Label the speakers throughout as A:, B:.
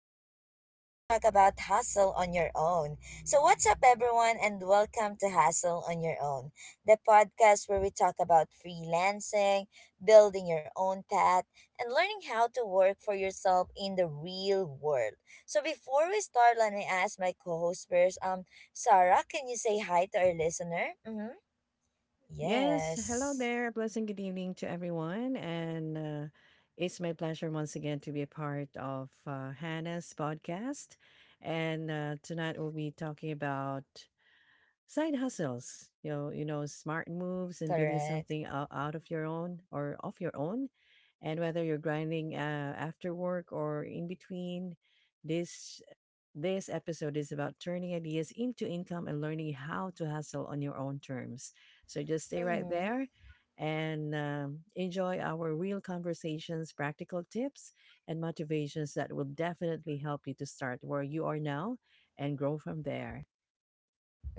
A: today we're going to talk about hustle on your own. So what's up everyone and welcome to Hustle on Your Own, the podcast where we talk about freelancing, building your own path, and learning how to work for yourself in the real world. So before we start, let me ask my co-host first. Sarah, can you say hi to our listener? Mhm.
B: Yes, hello
A: Yes.
B: there. A pleasant good evening to everyone. And It's my pleasure once again to be a part of Hannah's podcast. And tonight we'll be talking about side hustles, smart moves and building
A: Correct.
B: something out of your own or off your own. And whether you're grinding after work or in between, this this episode is about turning ideas into income and learning how to hustle on your own terms. So just stay right
A: Mhm.
B: there and enjoy our real conversations, practical tips, and motivations that will definitely help you to start where you are now and grow from there.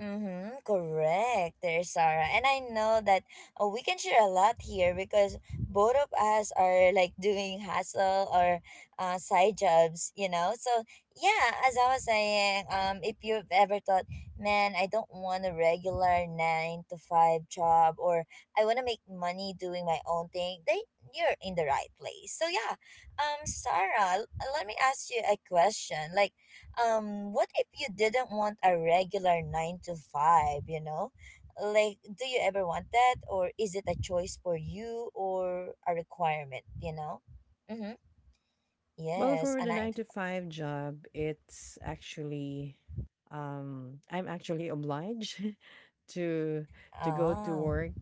A: Mm-hmm, correct there, Sarah. And I know that we can share a lot here because both of us are like doing hustle or side jobs, you know? So, yeah, as I was saying, if you've ever thought, man, I don't want a regular nine to five job or I want to make money doing my own thing, then you're in the right place. So, yeah, Sarah, let me ask you a question. Like, what if you didn't want a regular 9 to 5, you know, like do you ever want that, or is it a choice for you or a requirement, you know? Mm-hmm.
B: Well,
A: Yes,
B: for
A: a
B: the
A: 9
B: 9
A: to
B: to 5 job, it's actually I'm actually obliged to to go to
A: ah.
B: work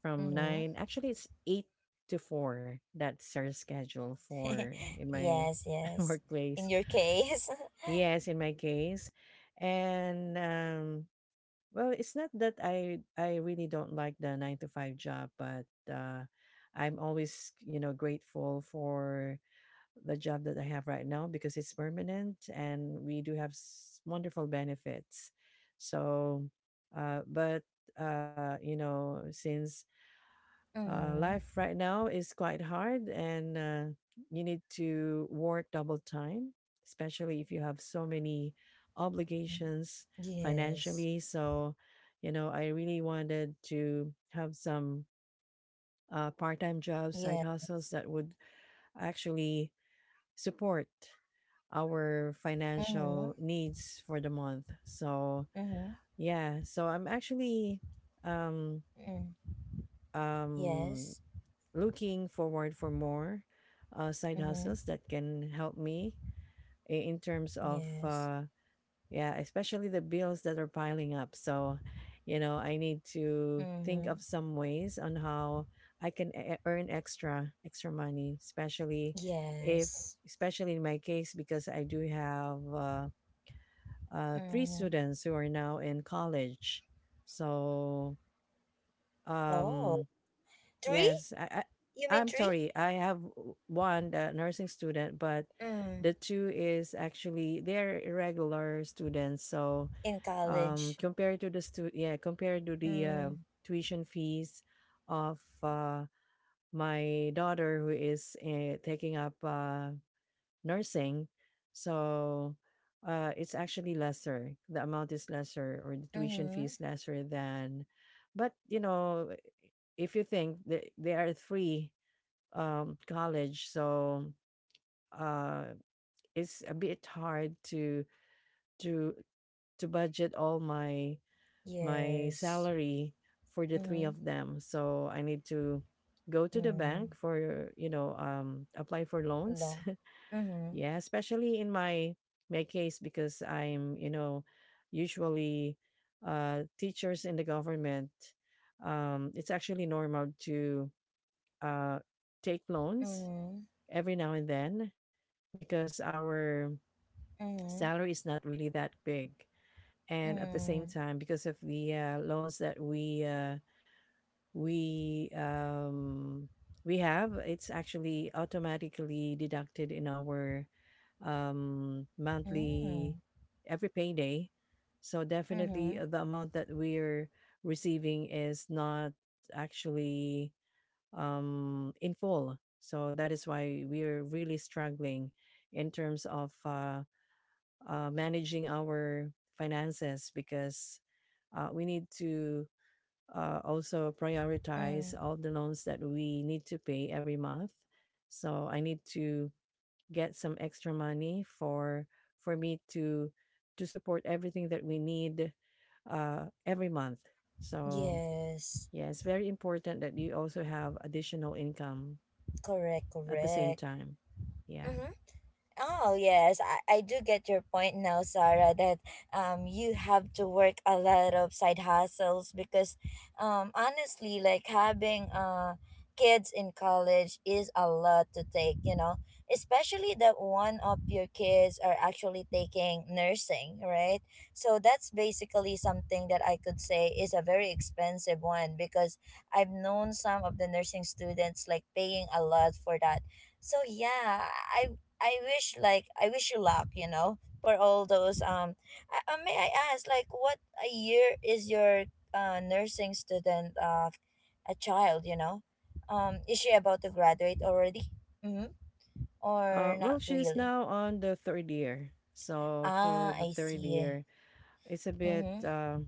B: from 9.
A: Mm-hmm.
B: Actually, it's 8 to 4. That's our schedule for in my
A: Yes, yes,
B: workplace.
A: in your case.
B: Yes, in my case. And well, it's not that I really don't like the 9 to 5 job, but I'm always, you know, grateful for the job that I have right now because it's permanent and we do have wonderful benefits. So, but you know, since
A: Mm-hmm.
B: life right now is quite hard and you need to work double time, especially if you have so many obligations
A: Yes.
B: financially. So, you know, I really wanted to have some part time jobs,
A: Yeah.
B: side hustles that would actually support our
A: Mm-hmm.
B: financial needs for the month. So
A: Mm-hmm.
B: yeah, so I'm actually um
A: Mm.
B: um
A: Yes.
B: looking forward for more side hustles
A: Mm-hmm.
B: that can help me in terms of
A: Yes.
B: yeah, especially the bills that are piling up. So, you know, I need to think
A: Mm-hmm.
B: of some ways on how I can earn extra money, especially if
A: Yes.
B: especially in my case because I do have three
A: Mm-hmm.
B: students who are now in college. So,
A: Oh.
B: um,
A: Three?
B: yes,
A: You mean
B: I'm
A: three?
B: sorry, I have one nursing student, but
A: Mm.
B: the two is actually they're irregular students. So,
A: In college.
B: compared to the yeah, compared to the
A: Mm.
B: tuition fees of my daughter who is taking up nursing. So it's actually lesser. The amount is lesser, or the tuition fee
A: Mm-hmm.
B: is lesser than. But you know, if you think that they are free college, so uh, it's a bit hard to to budget all my my
A: Yes.
B: salary for the three
A: Mm-hmm.
B: of them. So I need to go to the bank
A: Mm.
B: for you know apply for loans.
A: Long. Mm-hmm.
B: Yeah, especially in my my case because I'm, you know, usually teachers in the government, it's actually normal to uh, take loans
A: Mm-hmm.
B: every now and then because our
A: Mm-hmm.
B: salary is not really that big. And at the same
A: Mm.
B: time, because of the loans that we um we have, it's actually automatically deducted in our monthly
A: Mm-hmm.
B: every payday, so definitely
A: Mm-hmm.
B: the amount that we're receiving is not actually in full, so that is why we're really struggling in terms of managing our finances because we need to also prioritize
A: Mm.
B: all the loans that we need to pay every month. So I need to get some extra money for me to support everything that we need every month. So
A: Yes.
B: yeah, it's very important that you also have additional income
A: Correct,
B: at the same
A: correct.
B: time. Yeah.
A: Mm-hmm. Oh yes, I do get your point now, Sarah, that you have to work a lot of side hustles because honestly, like having kids in college is a lot to take, you know. Especially that one of your kids are actually taking nursing, right? So that's basically something that I could say is a very expensive one because I've known some of the nursing students like paying a lot for that. So yeah, I I wish, like I wish you luck, you know, for all those. May I ask like what a year is your nursing student, a child, you know? Is she about to graduate already? Mhm. Or not
B: Well, she's
A: really?
B: now on the 3rd year. So
A: Ah,
B: for the
A: I
B: third
A: see.
B: year, it's a bit.
A: Mhm.
B: Uh,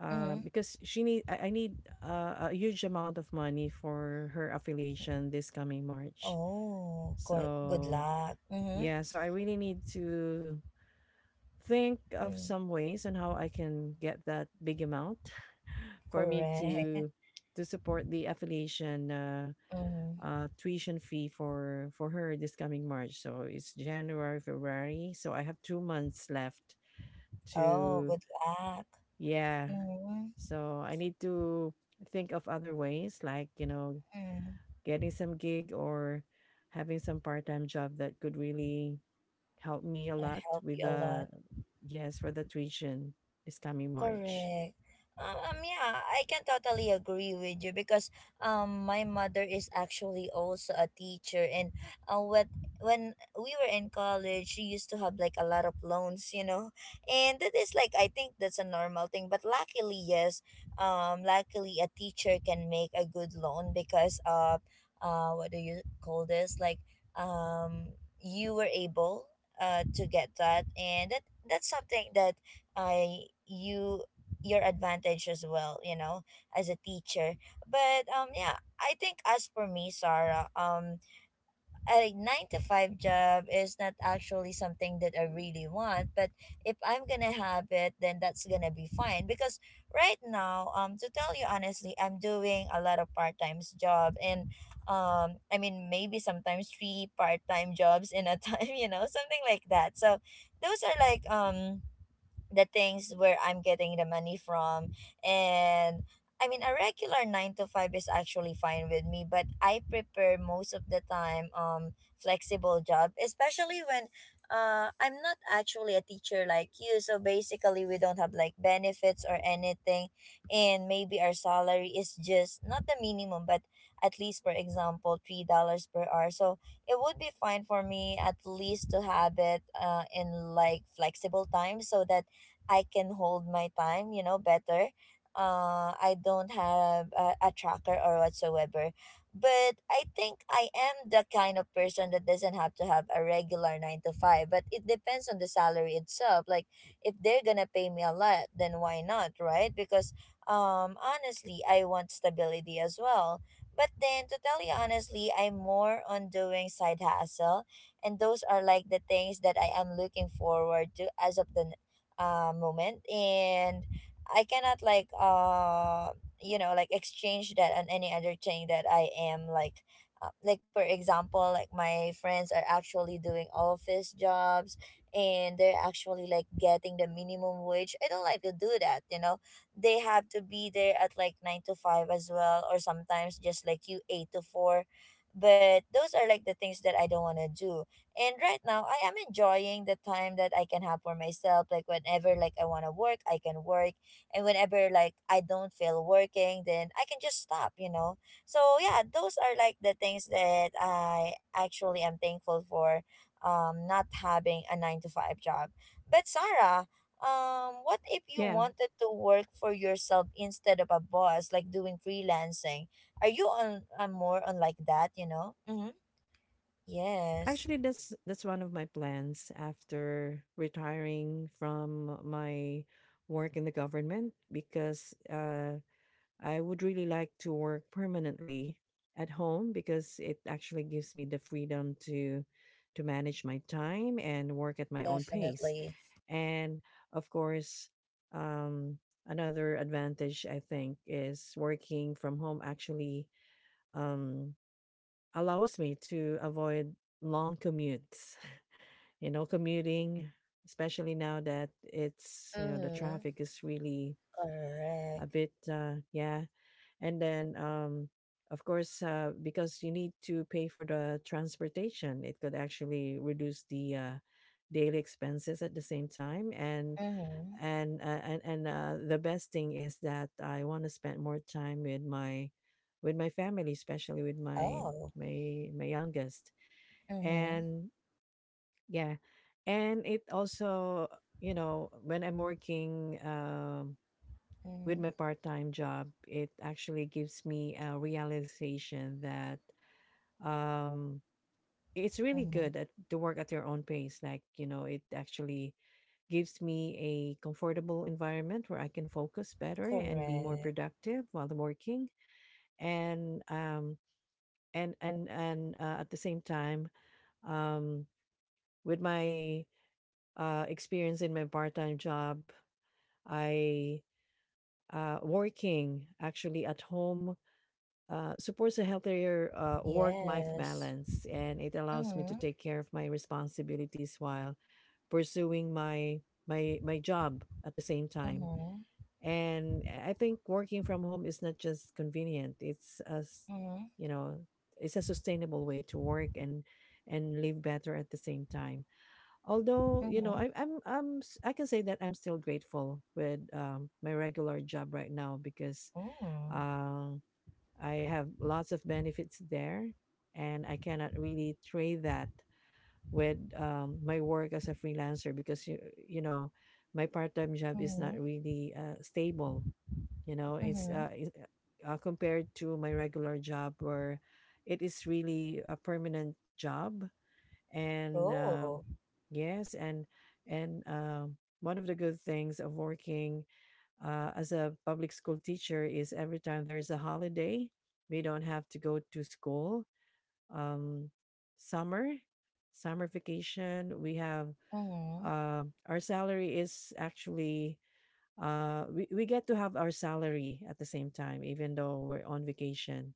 B: Uh,
A: Mhm.
B: Because she need I need a huge amount of money for her affiliation this coming March.
A: Oh, good
B: So
A: luck. Mhm.
B: yeah, so I really need to think of
A: Mm,
B: some ways on how I can get that big amount for me
A: correct.
B: to support the affiliation
A: Mhm.
B: tuition fee for her this coming March. So it's January, February. So I have 2 months left
A: Oh,
B: to
A: good luck.
B: yeah.
A: Mhm.
B: So I need to think of other ways, like, you know,
A: Mm.
B: getting some gig or having some part time job that could really help me a
A: I
B: lot
A: help you
B: with
A: a lot.
B: the, yes, for the tuition this coming March.
A: Correct. Yeah, I can totally agree with you because my mother is actually also a teacher, and what when we were in college, she used to have like a lot of loans, you know, and that is like, I think that's a normal thing. But luckily, yes, luckily a teacher can make a good loan because of what do you call this? Like um, you were able to get that, and that's something that I you your advantage as well, you know, as a teacher. But yeah, I think as for me, Sarah, a nine to five job is not actually something that I really want, but if I'm gonna have it, then that's gonna be fine because right now, to tell you honestly, I'm doing a lot of part-time job, and maybe sometimes three part-time jobs in a time, you know, something like that. So those are like the things where I'm getting the money from. And I mean, a regular nine to five is actually fine with me, but I prepare most of the time flexible job, especially when I'm not actually a teacher like you. So basically, we don't have like benefits or anything, and maybe our salary is just not the minimum, but at least, for example, $3 per hour. So it would be fine for me at least to have it in like flexible time so that I can hold my time, you know, better. I don't have a tracker or whatsoever. But I think I am the kind of person that doesn't have to have a regular nine to five, but it depends on the salary itself. Like, if they're gonna pay me a lot, then why not, right? Because honestly, I want stability as well. But then, to tell you honestly, I'm more on doing side hustle, and those are like the things that I am looking forward to as of the moment, and I cannot like exchange that on any other thing that I am like. Like, for example, like my friends are actually doing office jobs, and they're actually like getting the minimum wage. I don't like to do that, you know. They have to be there at like 9 to 5 as well, or sometimes just like you, 8 to 4. But those are like the things that I don't want to do, and right now, I am enjoying the time that I can have for myself. Like whenever like I want to work, I can work, and whenever like I don't feel working, then I can just stop. So yeah, those are like the things that I actually am thankful for. Not having a nine to five job. But Sarah, what if you
B: Yeah.
A: wanted to work for yourself instead of a boss, like doing freelancing? Are you on more on like that, you know? Mm-hmm. Yes.
B: Actually, that's one of my plans after retiring from my work in the government because I would really like to work permanently at home because it actually gives me the freedom to manage my time and work at my own pace.
A: Definitely.
B: And of course, um, another advantage I think is working from home actually um, allows me to avoid long commutes. You know, commuting, especially now that it's you know the
A: Mm-hmm.
B: traffic is really a
A: Correct.
B: bit yeah, and then of course because you need to pay for the transportation, it could actually reduce the daily expenses at the same time. and
A: Mm-hmm.
B: and uh, and, and uh, the best thing is that I want to spend more time with my family, especially with my
A: Oh.
B: my youngest.
A: Mm-hmm.
B: And yeah, and it also, you know, when I'm working with
A: Mm-hmm.
B: my part-time job, it actually gives me a realization that um it's really
A: Mm-hmm.
B: good at to work at your own pace. Like, you know, it actually gives me a comfortable environment where I can focus better and be more
A: Correct.
B: productive while I'm working. And at the same time, um with my experience in my part-time job, I working actually at home supports a healthier work-life
A: Yes.
B: balance, and it allows me
A: Mm-hmm.
B: to take care of my responsibilities while pursuing my job at the same time.
A: Mm-hmm.
B: And I think working from home is not just convenient; it's as you know, it's a sustainable way to work and live better at the same time. Although you know,
A: Mm-hmm.
B: I can say that I'm still grateful with my regular job right now because.
A: Mm-hmm.
B: Um, I have lots of benefits there, and I cannot really trade that with my work as a freelancer because you know my part-time job is
A: Mm-hmm.
B: not really stable. You know,
A: Mm-hmm. Mm-hmm.
B: compared to my regular job where it is really a permanent job, and
A: Oh.
B: yes, and one of the good things of working as a public school teacher is every time there is a holiday, we don't have to go to school. Um, summer, summer vacation, we have
A: Mm-hmm.
B: our salary is actually we get to have our salary at the same time, even though we're on vacation.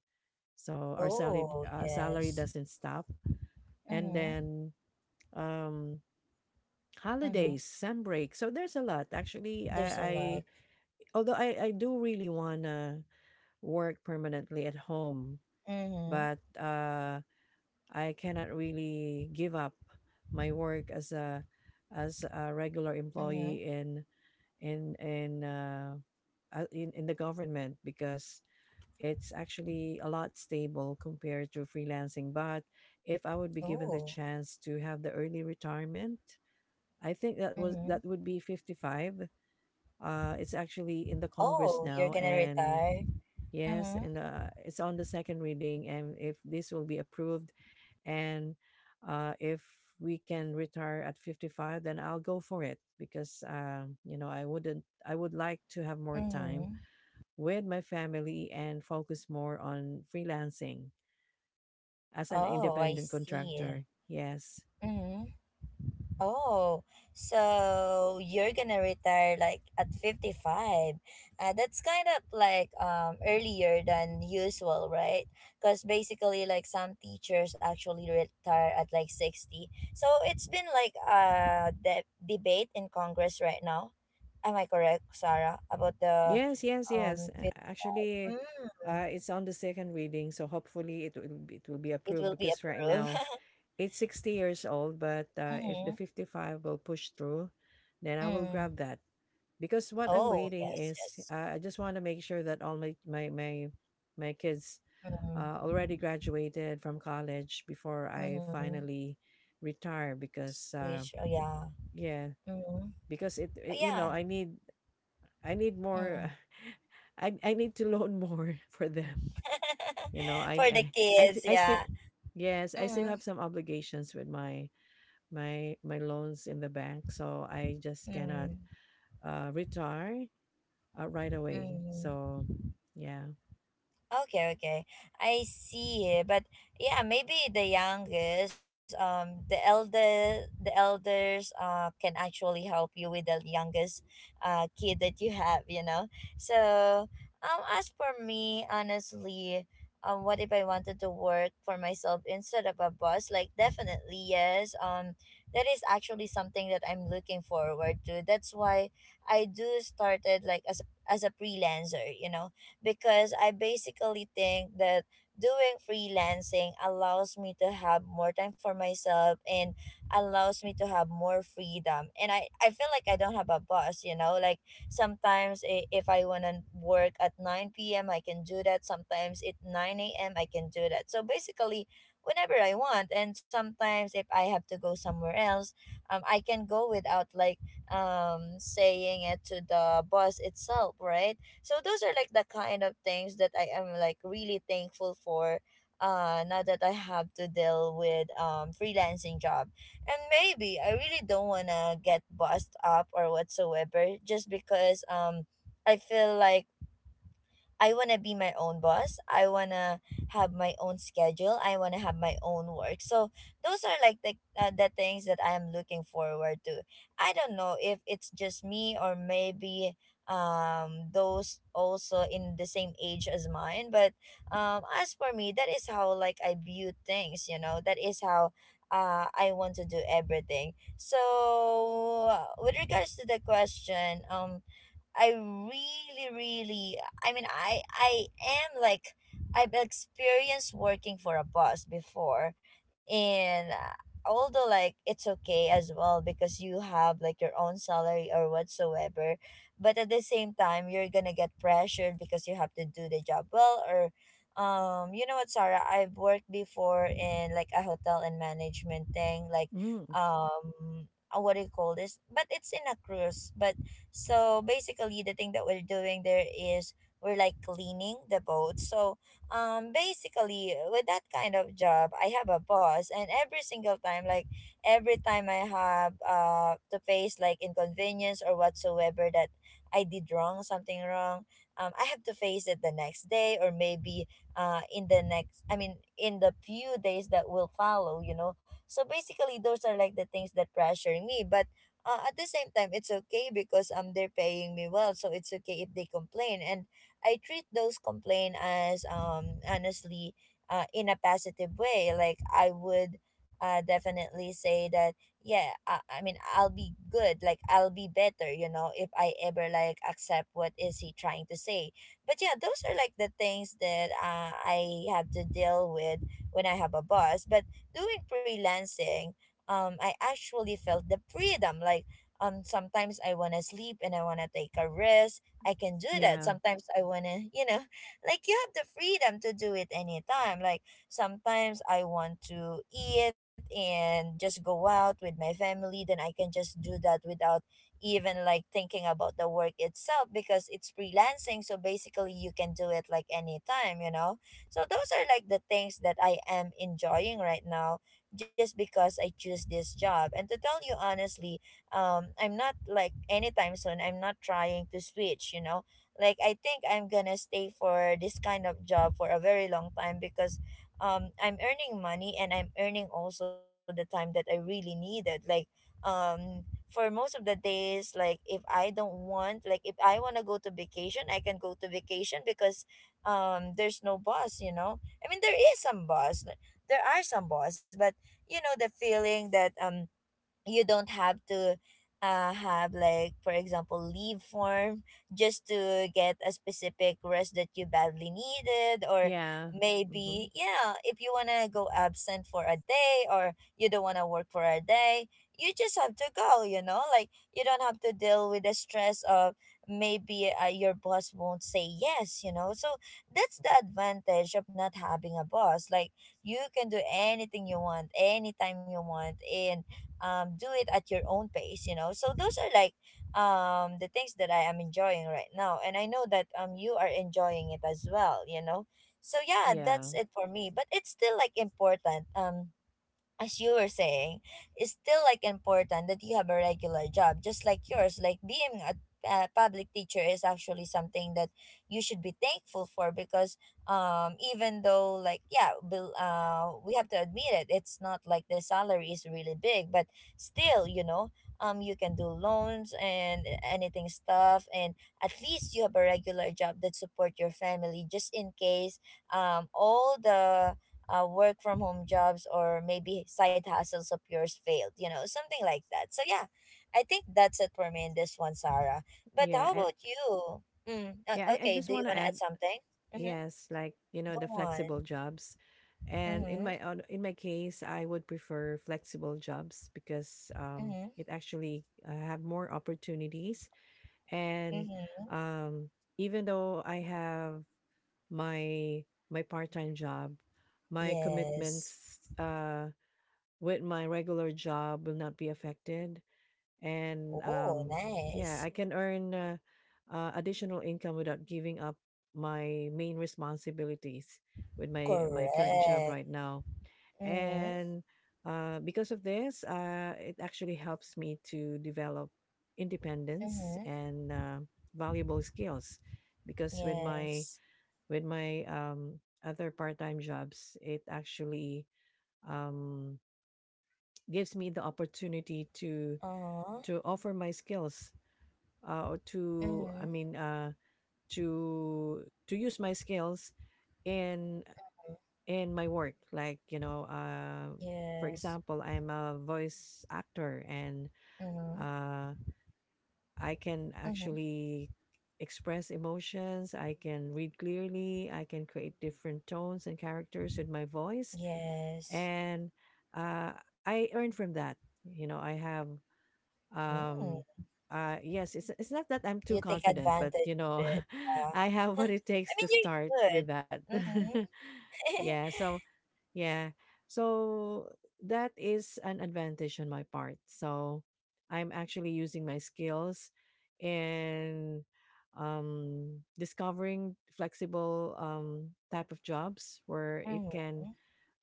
B: So our
A: Oh,
B: salary
A: yes.
B: doesn't stop, and
A: Mm-hmm.
B: then um,
A: Mm-hmm.
B: holidays, sun break. So there's a lot actually.
A: There's a
B: I
A: lot.
B: although I do really wanna work permanently at home,
A: Mm-hmm.
B: but I cannot really give up my work as a regular
A: Mm-hmm.
B: employee in in uh, in the government because it's actually a lot stable compared to freelancing. But if I would be given the
A: Oh.
B: chance to have the early retirement, I think that was
A: Mm-hmm.
B: that would be 55. It's actually in the Congress
A: Oh, you're
B: now,
A: gonna
B: and
A: retire?
B: yes,
A: Mm-hmm.
B: and it's on the second reading, and if this will be approved, and if we can retire at 55, then I'll go for it because you know I wouldn't. I would like to have more time
A: Mm-hmm.
B: with my family and focus more on freelancing as an
A: Oh, I
B: independent
A: see.
B: contractor. Yes,
A: Mm-hmm. Oh, so you're gonna retire like at 55. That's kind of like earlier than usual, right? Because basically like some teachers actually retire at like 60. So it's been like a debate in Congress right now. Am I correct, Sarah, about the
B: yes, yes,
A: um
B: yes.
A: fif-
B: Actually,
A: mm,
B: it's on the second reading, so hopefully it will be
A: it
B: approved
A: will be
B: because right
A: approved.
B: now it's 60 years old, but if the
A: Mm-hmm.
B: 55 will push through, then I will
A: Mm.
B: grab that. Because what I'm
A: Oh,
B: waiting
A: yes,
B: is
A: yes.
B: I just want to make sure that all my kids
A: Mm-hmm.
B: already graduated from college before I
A: Mm-hmm.
B: finally retire. Because
A: Switch. Oh, yeah.
B: yeah,
A: Mm.
B: because
A: Oh,
B: you know
A: yeah.
B: I need more.
A: Mm.
B: I need to loan more for them. You know,
A: For the kids,
B: I still
A: yeah.
B: yes, I still
A: Mm.
B: have some obligations with my loans in the bank, so I just cannot
A: Mm.
B: retire right away.
A: Mm.
B: So, yeah,
A: Okay, okay. I see. But yeah, maybe the youngest, the elders, can actually help you with the youngest, kid that you have, you know. So, as for me, honestly, what if I wanted to work for myself instead of a boss? Like, definitely yes. That is actually something that I'm looking forward to. That's why I do started like as as a freelancer. You know, because I basically think that doing freelancing allows me to have more time for myself and allows me to have more freedom. And I feel like I don't have a boss, you know, like sometimes if I want to work at 9 p.m., I can do that. Sometimes at 9 a.m., I can do that. So basically, whenever I want. And sometimes if I have to go somewhere else, I can go without like saying it to the boss itself, right? So those are like the kind of things that I am like really thankful for now that I have to deal with freelancing job. And maybe I really don't wanna get bossed up or whatsoever just because I feel like I want to be my own boss. I want to have my own schedule. I want to have my own work. So those are like the things that I am looking forward to. I don't know if it's just me or maybe those also in the same age as mine, but as for me, that is how like I view things, you know, that is how I want to do everything. So with regards to the question, I really, really, I mean, I am like, I've experienced working for a boss before, and although like it's okay as well because you have like your own salary or whatsoever, but at the same time you're gonna get pressured because you have to do the job well or. You know what, Sarah? I've worked before in like a hotel and management thing, like
B: mm
A: um, what do you call this? But it's in a cruise. But so basically, the thing that we're doing there is we're like cleaning the boat. So basically, with that kind of job, I have a boss, and every single time, like every time I have to face like inconvenience or whatsoever that I did wrong, something wrong, I have to face it the next day, or maybe in the next, I mean, in the few days that will follow, you know. So basically, those are like the things that pressure me, but at the same time it's okay because they're paying me well, so it's okay if they complain. And I treat those complain as honestly, in a positive way. Like I would definitely say that yeah, I mean, I'll be good, like I'll be better you know if I ever like accept what is he trying to say. But yeah, those are like the things that I have to deal with when I have a boss. But doing freelancing, I actually felt the freedom. Like sometimes I want to sleep and I want to take a rest, I can do that.
B: yeah,
A: Sometimes I want to like you have the freedom to do it anytime. Like sometimes I want to eat and just go out with my family, then I can just do that without even like thinking about the work itself, because it's freelancing, so basically you can do it like anytime you know. So those are like the things that I am enjoying right now, just because I choose this job. And to tell you honestly, I'm not like anytime soon, I'm not trying to switch, you know. Like I think I'm gonna stay for this kind of job for a very long time because I'm earning money and I'm earning also the time that I really needed. Like um for most of the days, like if I don't want, like if I want to go to vacation, I can go to vacation because there's no boss, you know. I mean, there is some boss like, there are some boss, but you know, the feeling that you don't have to have, like for example, leave form just to get a specific rest that you badly needed, or
B: yeah, hmm
A: maybe yeah, if you want to go absent for a day or you don't want to work for a day, you just have to go, you know. Like you don't have to deal with the stress of maybe your boss won't say yes, you know. So that's the advantage of not having a boss. Like you can do anything you want anytime you want, in do it at your own pace, you know. So those are like the things that I am enjoying right now, and I know that you are enjoying it as well you know. So yeah,
B: yeah,
A: that's it for me, but it's still like important, as you were saying, it's still like important that you have a regular job, just like yours. Like being a public teacher is actually something that you should be thankful for because even though like yeah bill we have to admit it, it's not like the salary is really big, but still you know, you can do loans and anything stuff, and at least you have a regular job that support your family just in case all the work from home jobs or maybe side hustles of yours failed, you know, something like that. So yeah, I think that's it for me in this one, Sarah. But
B: yeah,
A: how
B: and
A: about you? Mm,
B: yeah. I
A: okay,
B: just
A: do you
B: want to
A: want to add
B: add,
A: something? Mm-hmm.
B: yes, like you know, the
A: Go on.
B: flexible jobs, and in
A: Mm-hmm.
B: my own, in my case, I would prefer flexible jobs because
A: Mm-hmm.
B: it actually have more opportunities, and
A: Mm-hmm.
B: um even though I have my my part-time job, my
A: Yes.
B: commitments with my regular job will not be affected. And
A: Oh,
B: yeah, I
A: nice.
B: can earn additional income without giving up my main responsibilities with my my current job
A: Correct.
B: right now.
A: Mm-hmm.
B: And because of this, it actually helps me to develop independence
A: Mm-hmm.
B: and valuable skills. Because with my
A: Yes.
B: with my other part-time jobs, it actually um, gives me the opportunity to
A: Uh-huh.
B: offer my skills or to
A: Mm-hmm.
B: I mean to use my skills in in my work. For
A: Yes.
B: example, I'm a voice actor and
A: Mm-hmm.
B: uh, I can
A: Mm-hmm.
B: actually express emotions. I can read clearly. I can create different tones and characters with my voice
A: Yes.
B: and uh, I earn from that. You know, I have
A: Mm.
B: um, yes, it's not that I'm too
A: You take
B: confident,
A: advantage
B: but
A: of it. Yeah.
B: I have what it
A: I
B: takes
A: mean,
B: to start
A: you're
B: with
A: good.
B: that.
A: Mm-hmm.
B: Yeah, so yeah, so that is an advantage on my part. So I'm actually using my skills and discovering flexible type of jobs where it can
A: Mm-hmm.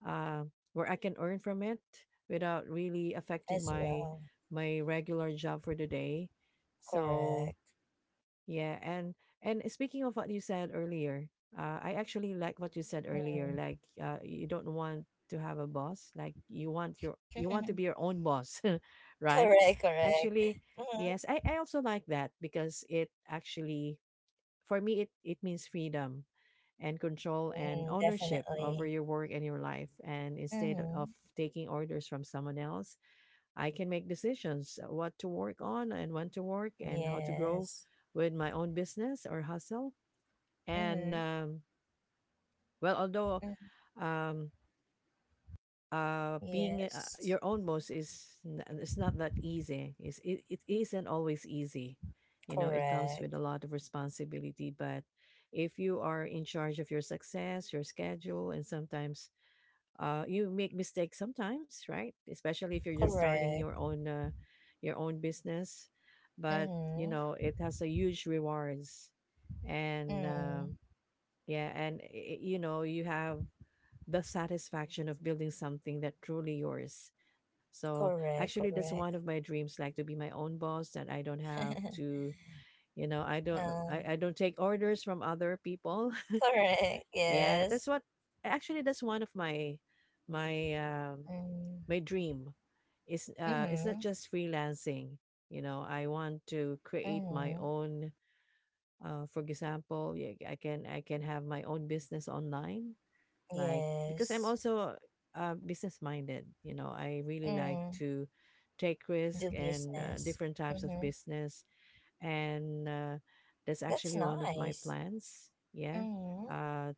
B: uh, where I can earn from it without really affecting
A: As
B: my
A: well.
B: my regular job for the day. So
A: Correct.
B: yeah, and speaking of what you said earlier, I actually like what you said earlier.
A: Mm-hmm.
B: Like you don't want to have a boss, like you want to be your own boss, right?
A: Correct, correct.
B: Actually,
A: Mm-hmm.
B: yes, I also like that because it actually for me it means freedom and control and
A: Mm,
B: ownership over
A: definitely.
B: your work and your life. And instead
A: Mm-hmm.
B: of taking orders from someone else, I can make decisions what to work on and when to work and how to grow
A: Yes.
B: with my own business or hustle. And
A: Mm-hmm.
B: well, although
A: Mm.
B: um, being
A: Yes.
B: your own boss it's not that easy. It isn't always easy. You know, it comes with a
A: Correct.
B: lot of responsibility, but if you are in charge of your success, your schedule, and sometimes you make mistakes sometimes, right? Especially if you're just starting
A: Correct.
B: your own business, but you
A: Mm-hmm.
B: know it has a huge rewards, and
A: Mm.
B: yeah, and i- you know you have the satisfaction of building something that truly yours. So
A: Correct,
B: actually, that's one
A: correct.
B: of my dreams, like to be my own boss, that I don't have to, you know, I don't,
A: uh,
B: I, I don't take orders from other people.
A: Correct,
B: Yeah, that's
A: yes.
B: what. Actually, that's one of my my um
A: Mm.
B: dream is it's
A: Mm-hmm.
B: not just freelancing. You know, I want to create my
A: Mm-hmm.
B: own. For example, yeah, I can have my own business online like because I'm
A: Yes.
B: also business minded. You know, I really like
A: Mm.
B: to take
A: Do
B: risk and
A: business.
B: different types of
A: Mm-hmm.
B: business, and that's
A: That's
B: actually one of my
A: nice.
B: plans. Yeah,
A: Mm-hmm.
B: uh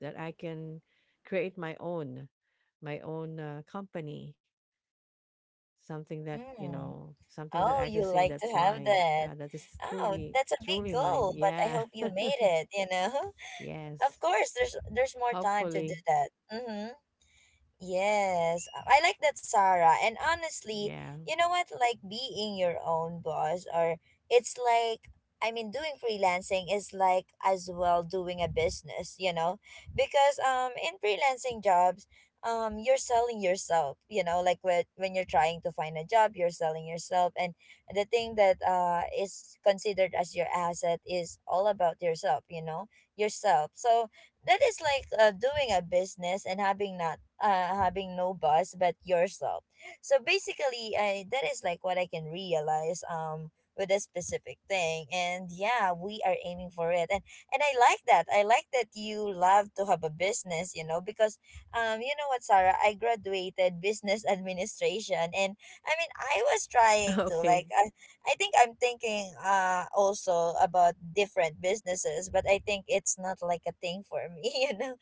B: that I can create my own company, something that you
A: Mm.
B: know something that
A: Oh,
B: I can
A: you
B: say
A: like to
B: that's
A: have
B: mine,
A: that.
B: that is
A: Oh,
B: truly
A: that's a big
B: truly mine.
A: goal, but I
B: Yeah.
A: hope you made it, you know? Of
B: Yes,
A: course, there's more time to do
B: hopefully.
A: that. Mm-hmm. Yes, I like that, Sarah. And honestly,
B: Yeah.
A: you know what? Like being your own boss, or it's like, I mean, doing freelancing is like as well doing a business, you know? Because in freelancing jobs, you're selling yourself, you know, like when, you're trying to find a job, you're selling yourself. And the thing that is considered as your asset is all about yourself, you know, yourself. So, that is like doing a business and having not having no boss but yourself. So basically, I that is like what I can realize with a specific thing. And yeah, we are aiming for it, and I like that, I like that you love to have a business, you know. Because you know what, Sarah, I graduated business administration. And I mean, I was trying to like
B: Okay.
A: I think I'm thinking also about different businesses, but I think it's not like a thing for me, you know.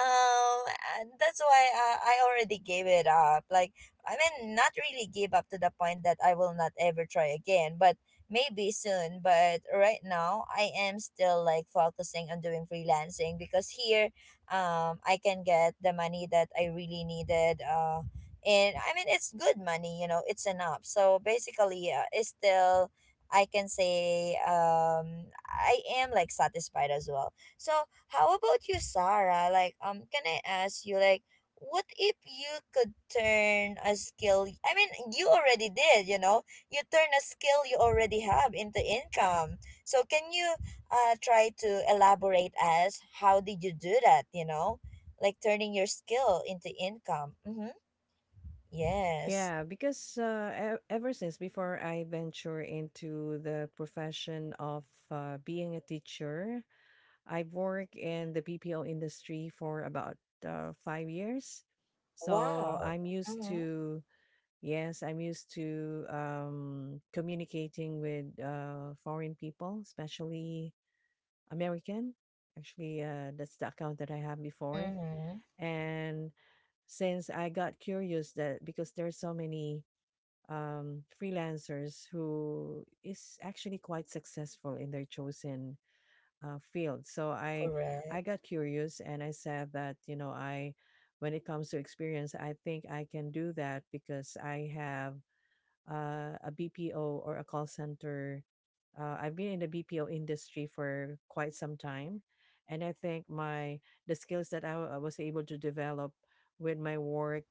A: Um, and that's why I already gave it up. Like I mean, not really give up to the point that I will not ever try again, but maybe soon. But right now, I am still like focusing on doing freelancing because here, I can get the money that I really needed. And I mean, it's good money, you know, it's enough. So basically it's still, I can say I am like satisfied as well. So how about you, Sarah? Like can I ask you, like what if you could turn a skill, I mean, you already did, you know, you turn a skill you already have into income. So can you try to elaborate as how did you do that, you know, like turning your skill into income. Mm-hmm. Yes.
B: Yeah, because ever since before I venture into the profession of being a teacher, I've worked in the BPO industry for about 5 years. So
A: Wow.
B: I'm used
A: Mm-hmm.
B: to. Yes, I'm used to communicating with foreign people, especially American. Actually, that's the account that I have before.
A: Mm-hmm.
B: And since I got curious that because there are so many freelancers who is actually quite successful in their chosen field, so I
A: Correct.
B: got curious and I said that you know I when it comes to experience, I think I can do that because I have a BPO or a call center. I've been in the BPO industry for quite some time, and I think my the skills that I was able to develop with my work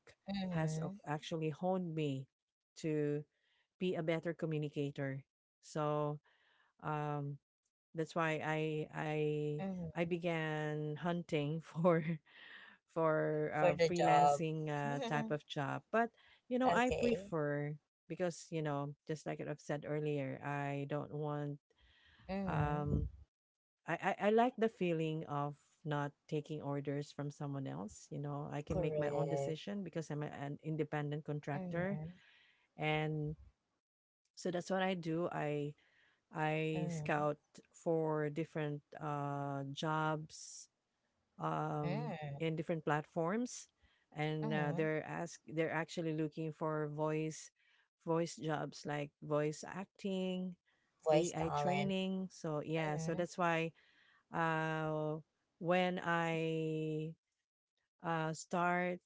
B: has
A: Mm-hmm.
B: ac- actually honed me to be a better communicator. So um, that's why I
A: Mm-hmm.
B: began hunting for
A: For the job.
B: freelancing type of job. But you know, I
A: Okay.
B: prefer because you know, just like I've said earlier, I don't want.
A: Mm-hmm.
B: Um, I I like the feeling of not taking orders from someone else. You know, I can make my own
A: Correct.
B: decision because I'm an independent contractor,
A: Mm-hmm.
B: and so that's what I do. I
A: Mm-hmm.
B: scout for different jobs um,
A: Mm-hmm.
B: in different platforms, and
A: Mm-hmm.
B: they're actually looking for voice jobs like voice acting,
A: Voice
B: AI
A: talent.
B: training. So yeah, so
A: Mm-hmm.
B: that's why uh, when I start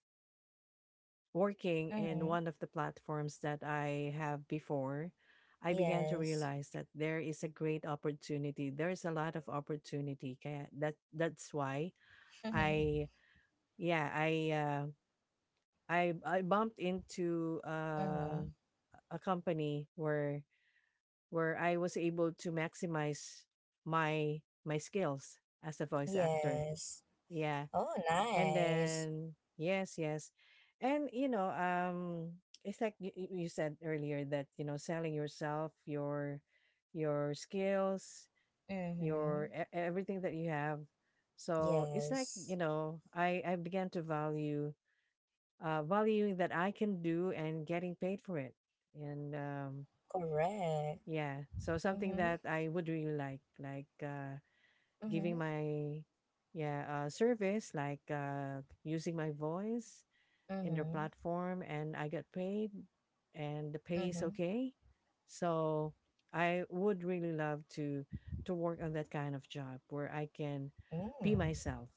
B: working in
A: Mm-hmm.
B: one of the platforms that I have before, I began to
A: Yes.
B: realize that there is a great opportunity. There is a lot of opportunity. Kaya that's why I yeah I I bumped into
A: Mm-hmm.
B: a company where I was able to maximize my my skills as a voice actor.
A: Yes.
B: Yeah.
A: Oh,
B: And
A: nice.
B: then yes, yes. And you know, it's like you, you said earlier that you know selling yourself, your skills,
A: Mm-hmm.
B: your everything that you have. So it's like, you
A: Yes.
B: know, I began to value valuing that I can do and getting paid for it. And
A: Correct.
B: yeah, so something
A: Mm-hmm.
B: that I would really like giving
A: Mm-hmm.
B: my yeah service, like using my voice in their
A: Mm-hmm.
B: platform and I got paid and the pay is
A: Mm-hmm.
B: okay. So I would really love to work on that kind of job where I can be
A: Mm.
B: myself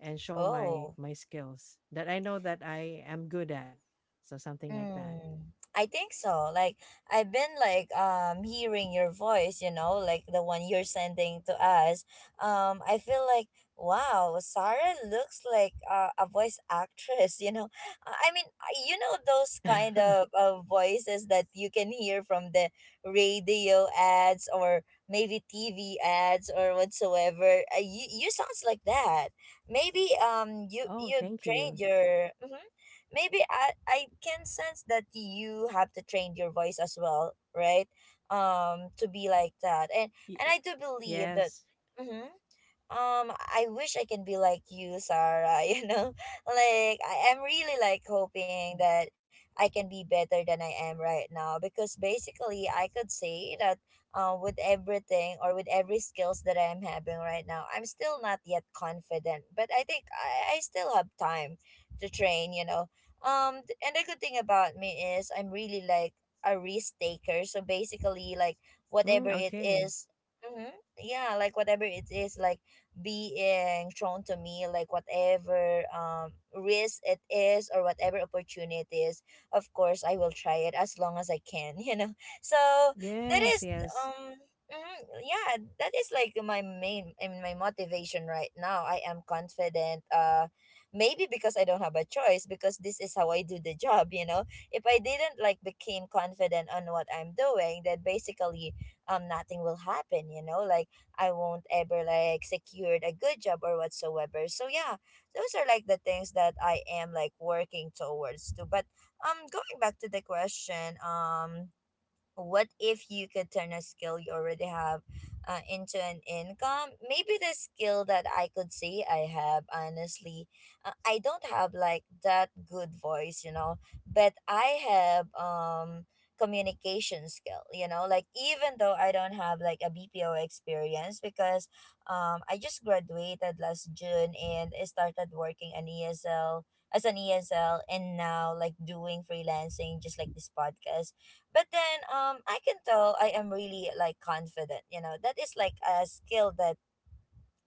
B: and show
A: Oh,
B: my skills that I know that I am good at. So something like that.
A: mm, I think so. Like I've been like hearing your voice, you know, like the one you're sending to us. I feel like wow, Sarah looks like a voice actress. You know, I mean, you know those kind of voices that you can hear from the radio ads or maybe TV ads or whatsoever. You you sounds like that. Maybe
B: Oh,
A: you
B: thank
A: trained
B: you.
A: your. Mm-hmm. Maybe I can sense that you have to train your voice as well, right? To be like that, and
B: Y-
A: I do believe that.
B: yes.
A: Hmm. I wish I can be like you, Sarah. You know, like I am really like hoping that I can be better than I am right now, because basically I could say that with everything or with every skills that I am having right now, I'm still not yet confident. But I think I still have time to train, you know. And the good thing about me is I'm really like a risk taker. So basically like
B: Mm,
A: whatever it
B: okay.
A: is, mhm, yeah, like whatever it is, like being thrown to me, like whatever risk it is or whatever opportunities, of course I will try it as long as I can. You know, so that
B: Yes,
A: is
B: yes,
A: um mhm, yeah, that is like my main and my motivation right now. I am confident maybe because I don't have a choice, because this is how I do the job, you know. If I didn't like became confident on what I'm doing, then basically nothing will happen, you know. Like I won't ever like secured a good job or whatsoever. So yeah, those are like the things that I am like working towards to. But going back to the question, what if you could turn a skill you already have into an income. Maybe the skill that I could say I have, honestly, I don't have like that good voice, you know, but I have communication skill, you know. Like even though I don't have like a BPO experience, because I just graduated last June and I started working an ESL, as an ESL, and now like doing freelancing, just like this podcast. But then I can tell I am really like confident, you know. That is like a skill that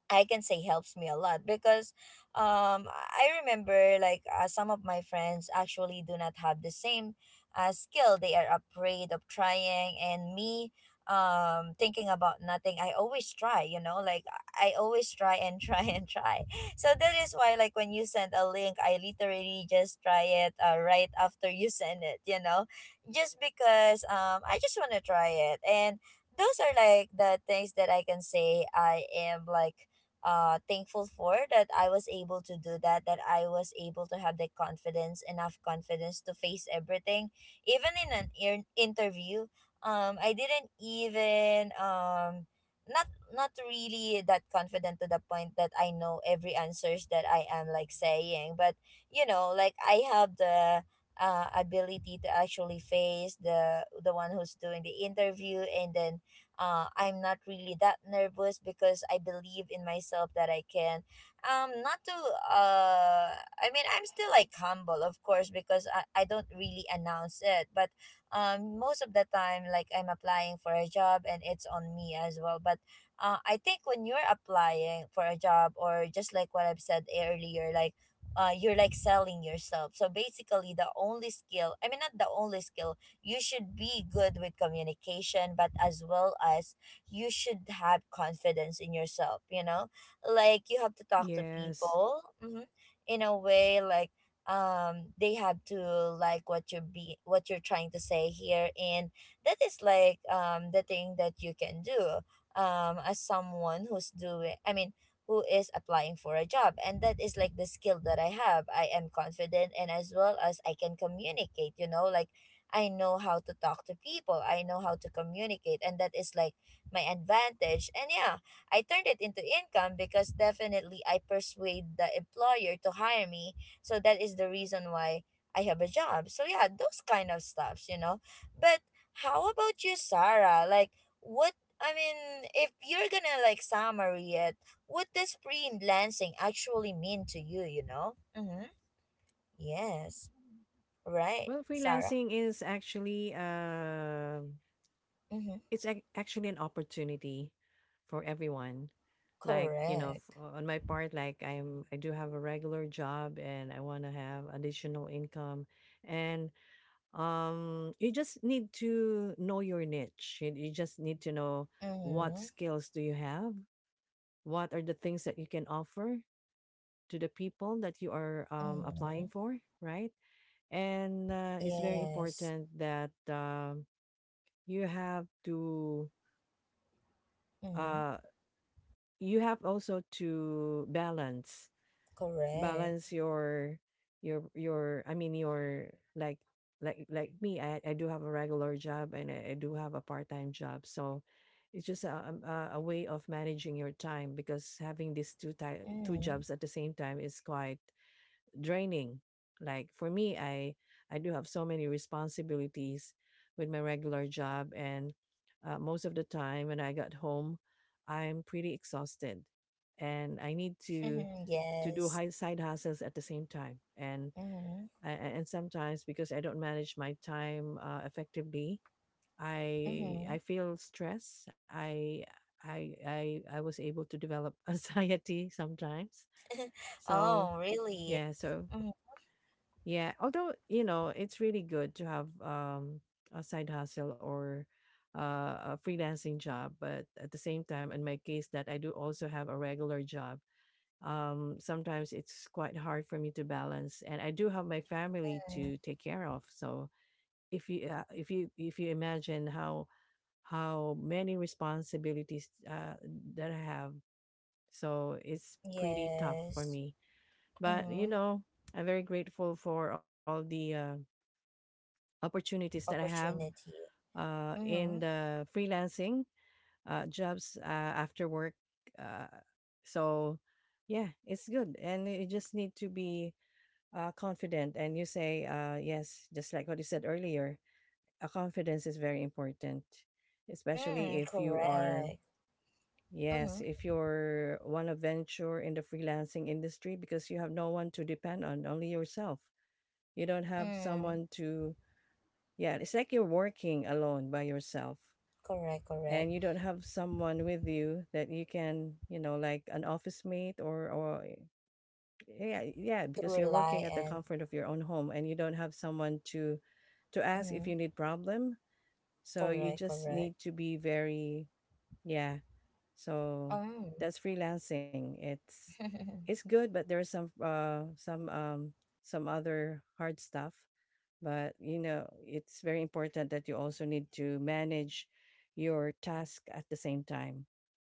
A: I can say helps me a lot because I remember like some of my friends actually do not have the same skill. They are afraid of trying, and me, thinking about nothing, I always try, you know, like I always try and try and try so that is why, like, when you send a link I literally just try it right after you send it, just because I just want to try it. And those are like the things that I can say I am like thankful for, that I was able to do that, that I was able to have the confidence, enough confidence to face everything, even in an interview. I didn't even not, not really that confident to the point that I know every answers that I am like saying, but you know, like, I have the ability to actually face the one who's doing the interview. And then I'm not really that nervous because I believe in myself that I can. Not to, I mean, I'm still like humble, of course, because I don't really announce it. But most of the time, like, I'm applying for a job and it's on me as well. But I think when you're applying for a job, or just like what I've said earlier, like, you're like selling yourself. So basically, the only skill, I mean, not the only skill, you should be good with communication, but as well as you should have confidence in yourself, you know? Like, you have to talk to
B: yes.
A: people, in a way like they have to like what you're be what you're trying to say here. And that is like the thing that you can do, as someone who's doing, I mean, who is applying for a job. And that is like the skill that I have. I am confident, and as well as I can communicate, you know, like, I know how to talk to people. I know how to communicate. And that is like my advantage. And yeah, I turned it into income because definitely I persuade the employer to hire me. So that is the reason why I have a job. So yeah, those kind of stuffs, you know. But how about you, Sarah? Like, what? I mean, if you're gonna like summary it, what does freelancing actually mean to you, you know? Mm-hmm. Yes. Right,
B: Well,
A: Sarah.
B: freelancing is actually
A: Mm-hmm.
B: it's ac actually an opportunity for everyone. Like, you know, f
A: Correct.
B: on my part, like I do have a regular job and I wanna have additional income. And, you just need to know your niche. You just need to know what
A: Mm-hmm.
B: skills do you have? What are the things that you can offer to the people that you are, applying
A: Mm-hmm.
B: for, right? And, it's very
A: Yes.
B: important that, you have to,
A: Mm-hmm.
B: uh you have also to balance
A: Correct.
B: your your your i mean your like like me I do have a regular job and I do have a part-time job, so it's just a way of managing your time because having these two
A: Mm-hmm.
B: jobs at the same time is quite draining. Like for me, I do have so many responsibilities with my regular job, and most of the time when I got home, I'm pretty exhausted, and I need to do
A: Yes.
B: high side hustles at the same time. And
A: Mm-hmm.
B: and sometimes because I don't manage my time effectively, I
A: Mm-hmm.
B: I feel stress. I I was able to develop anxiety sometimes. So
A: Oh, really?
B: yeah, so yeah, although you know, it's really good to have a side hustle or a freelancing job, but at the same time, in my case, that I do also have a regular job. Sometimes it's quite hard for me to balance, and I do have my family
A: Mm-hmm.
B: to take care of. So if you imagine how many responsibilities that I have, so it's pretty tough for
A: Yes.
B: me. But you
A: Mm-hmm.
B: know, I'm very grateful for all the opportunities that I have
A: Opportunity.
B: in
A: Mm-hmm.
B: the freelancing jobs after work. Uh, so, yeah, it's good. And you just need to be confident. And you say, yes, just like what you said earlier, a confidence is very important, especially
A: Mm,
B: if you are.
A: correct.
B: Yes,
A: Mm-hmm.
B: if you're one to venture in the freelancing industry because you have no one to depend on, only yourself. You don't have
A: Mm,
B: someone to. Yeah, it's like you're working alone by yourself
A: correct, correct.
B: and you don't have someone with you that you can, you know, like an office mate or or, yeah, yeah,
A: To
B: because you're working
A: rely
B: at the
A: and
B: comfort of your own home and you don't have someone to ask if
A: mm,
B: you need problem. So you
A: correct,
B: just
A: correct.
B: need to be very yeah. So
A: Um.
B: that's freelancing. It's good, but there are some some other hard stuff, but you know it's very important that you also need to manage your task at the same time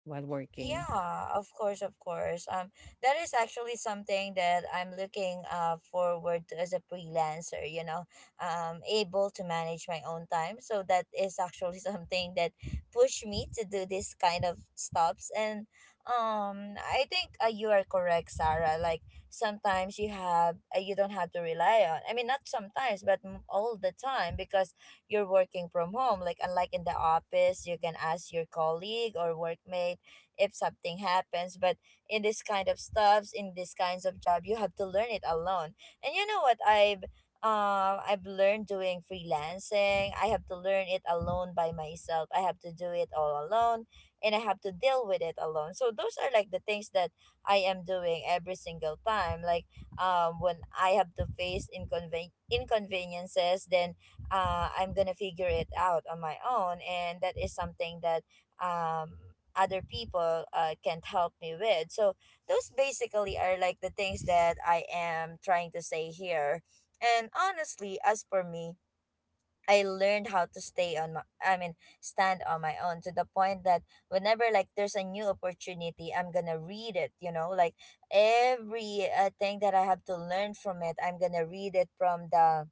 B: while working.
A: Yeah, of course, of course. That is actually something that I'm looking forward to as a freelancer. You know, able to manage my own time. So that is actually something that pushed me to do this kind of stops. And I think, you are correct, Sarah. Like, sometimes you have you don't have to rely on. I mean, not sometimes, but all the time, because you're working from home. Like, unlike in the office, you can ask your colleague or workmate if something happens. But in this kind of stuffs, in these kinds of job, you have to learn it alone. And you know what I've I've learned doing freelancing, I have to learn it alone by myself. I have to do it all alone, and I have to deal with it alone. So those are like the things that I am doing every single time, like, when I have to face inconveniences, then I'm gonna figure it out on my own. And that is something that um other people can't help me with. So those basically are like the things that I am trying to say here. And honestly, as for me, I learned how to stay on my, I mean, stand on my own, to the point that whenever like there's a new opportunity, I'm going to read it, you know, like every thing that I have to learn from it, I'm going to read it from the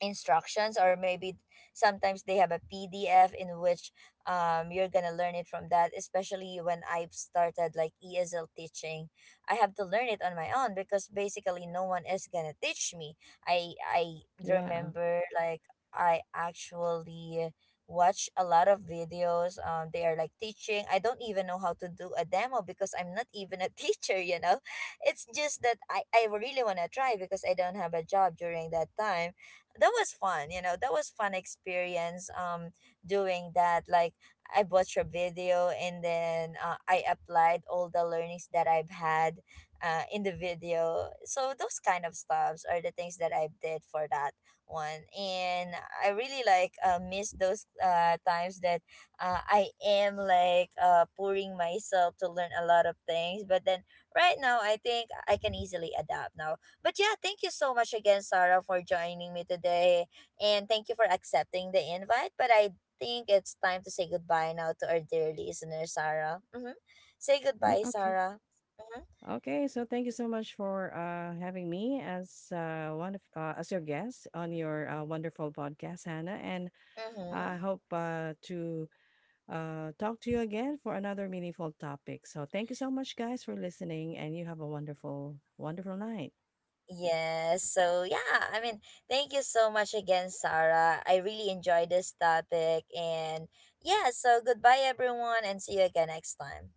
A: instructions, or maybe sometimes they have a PDF in which you're gonna learn it from that, especially when I've started like ESL teaching. I have to learn it on my own, because basically no one is gonna teach me. I
B: Yeah.
A: remember, like, I actually watch a lot of videos. They are like teaching, I don't even know how to do a demo, because I'm not even a teacher, you know. It's just that I really want to try, because I don't have a job during that time. That was fun, you know, that was fun experience, doing that. Like, I watched a video, and then I applied all the learnings that I've had in the video. So those kind of stuffs are the things that I did for that one. And I really like miss those times that I am like pouring myself to learn a lot of things. But then right now I think I can easily adapt now. But yeah, thank you so much again, Sarah, for joining me today. And thank you for accepting the invite. But I think it's time to say goodbye now to our dear listener, Sarah. Mm-hmm. Say
B: Mm,
A: goodbye,
B: okay.
A: Sarah. Mm-hmm.
B: Okay, so thank you so much for having me as one of as your guest on your wonderful podcast, Hannah, and
A: Mm-hmm.
B: I hope to talk to you again for another meaningful topic. So thank you so much guys for listening and you have a wonderful wonderful night.
A: Yes. So yeah, I mean, thank you so much again, Sarah. I really enjoyed this topic. And yeah, so goodbye, everyone, and see you again next time.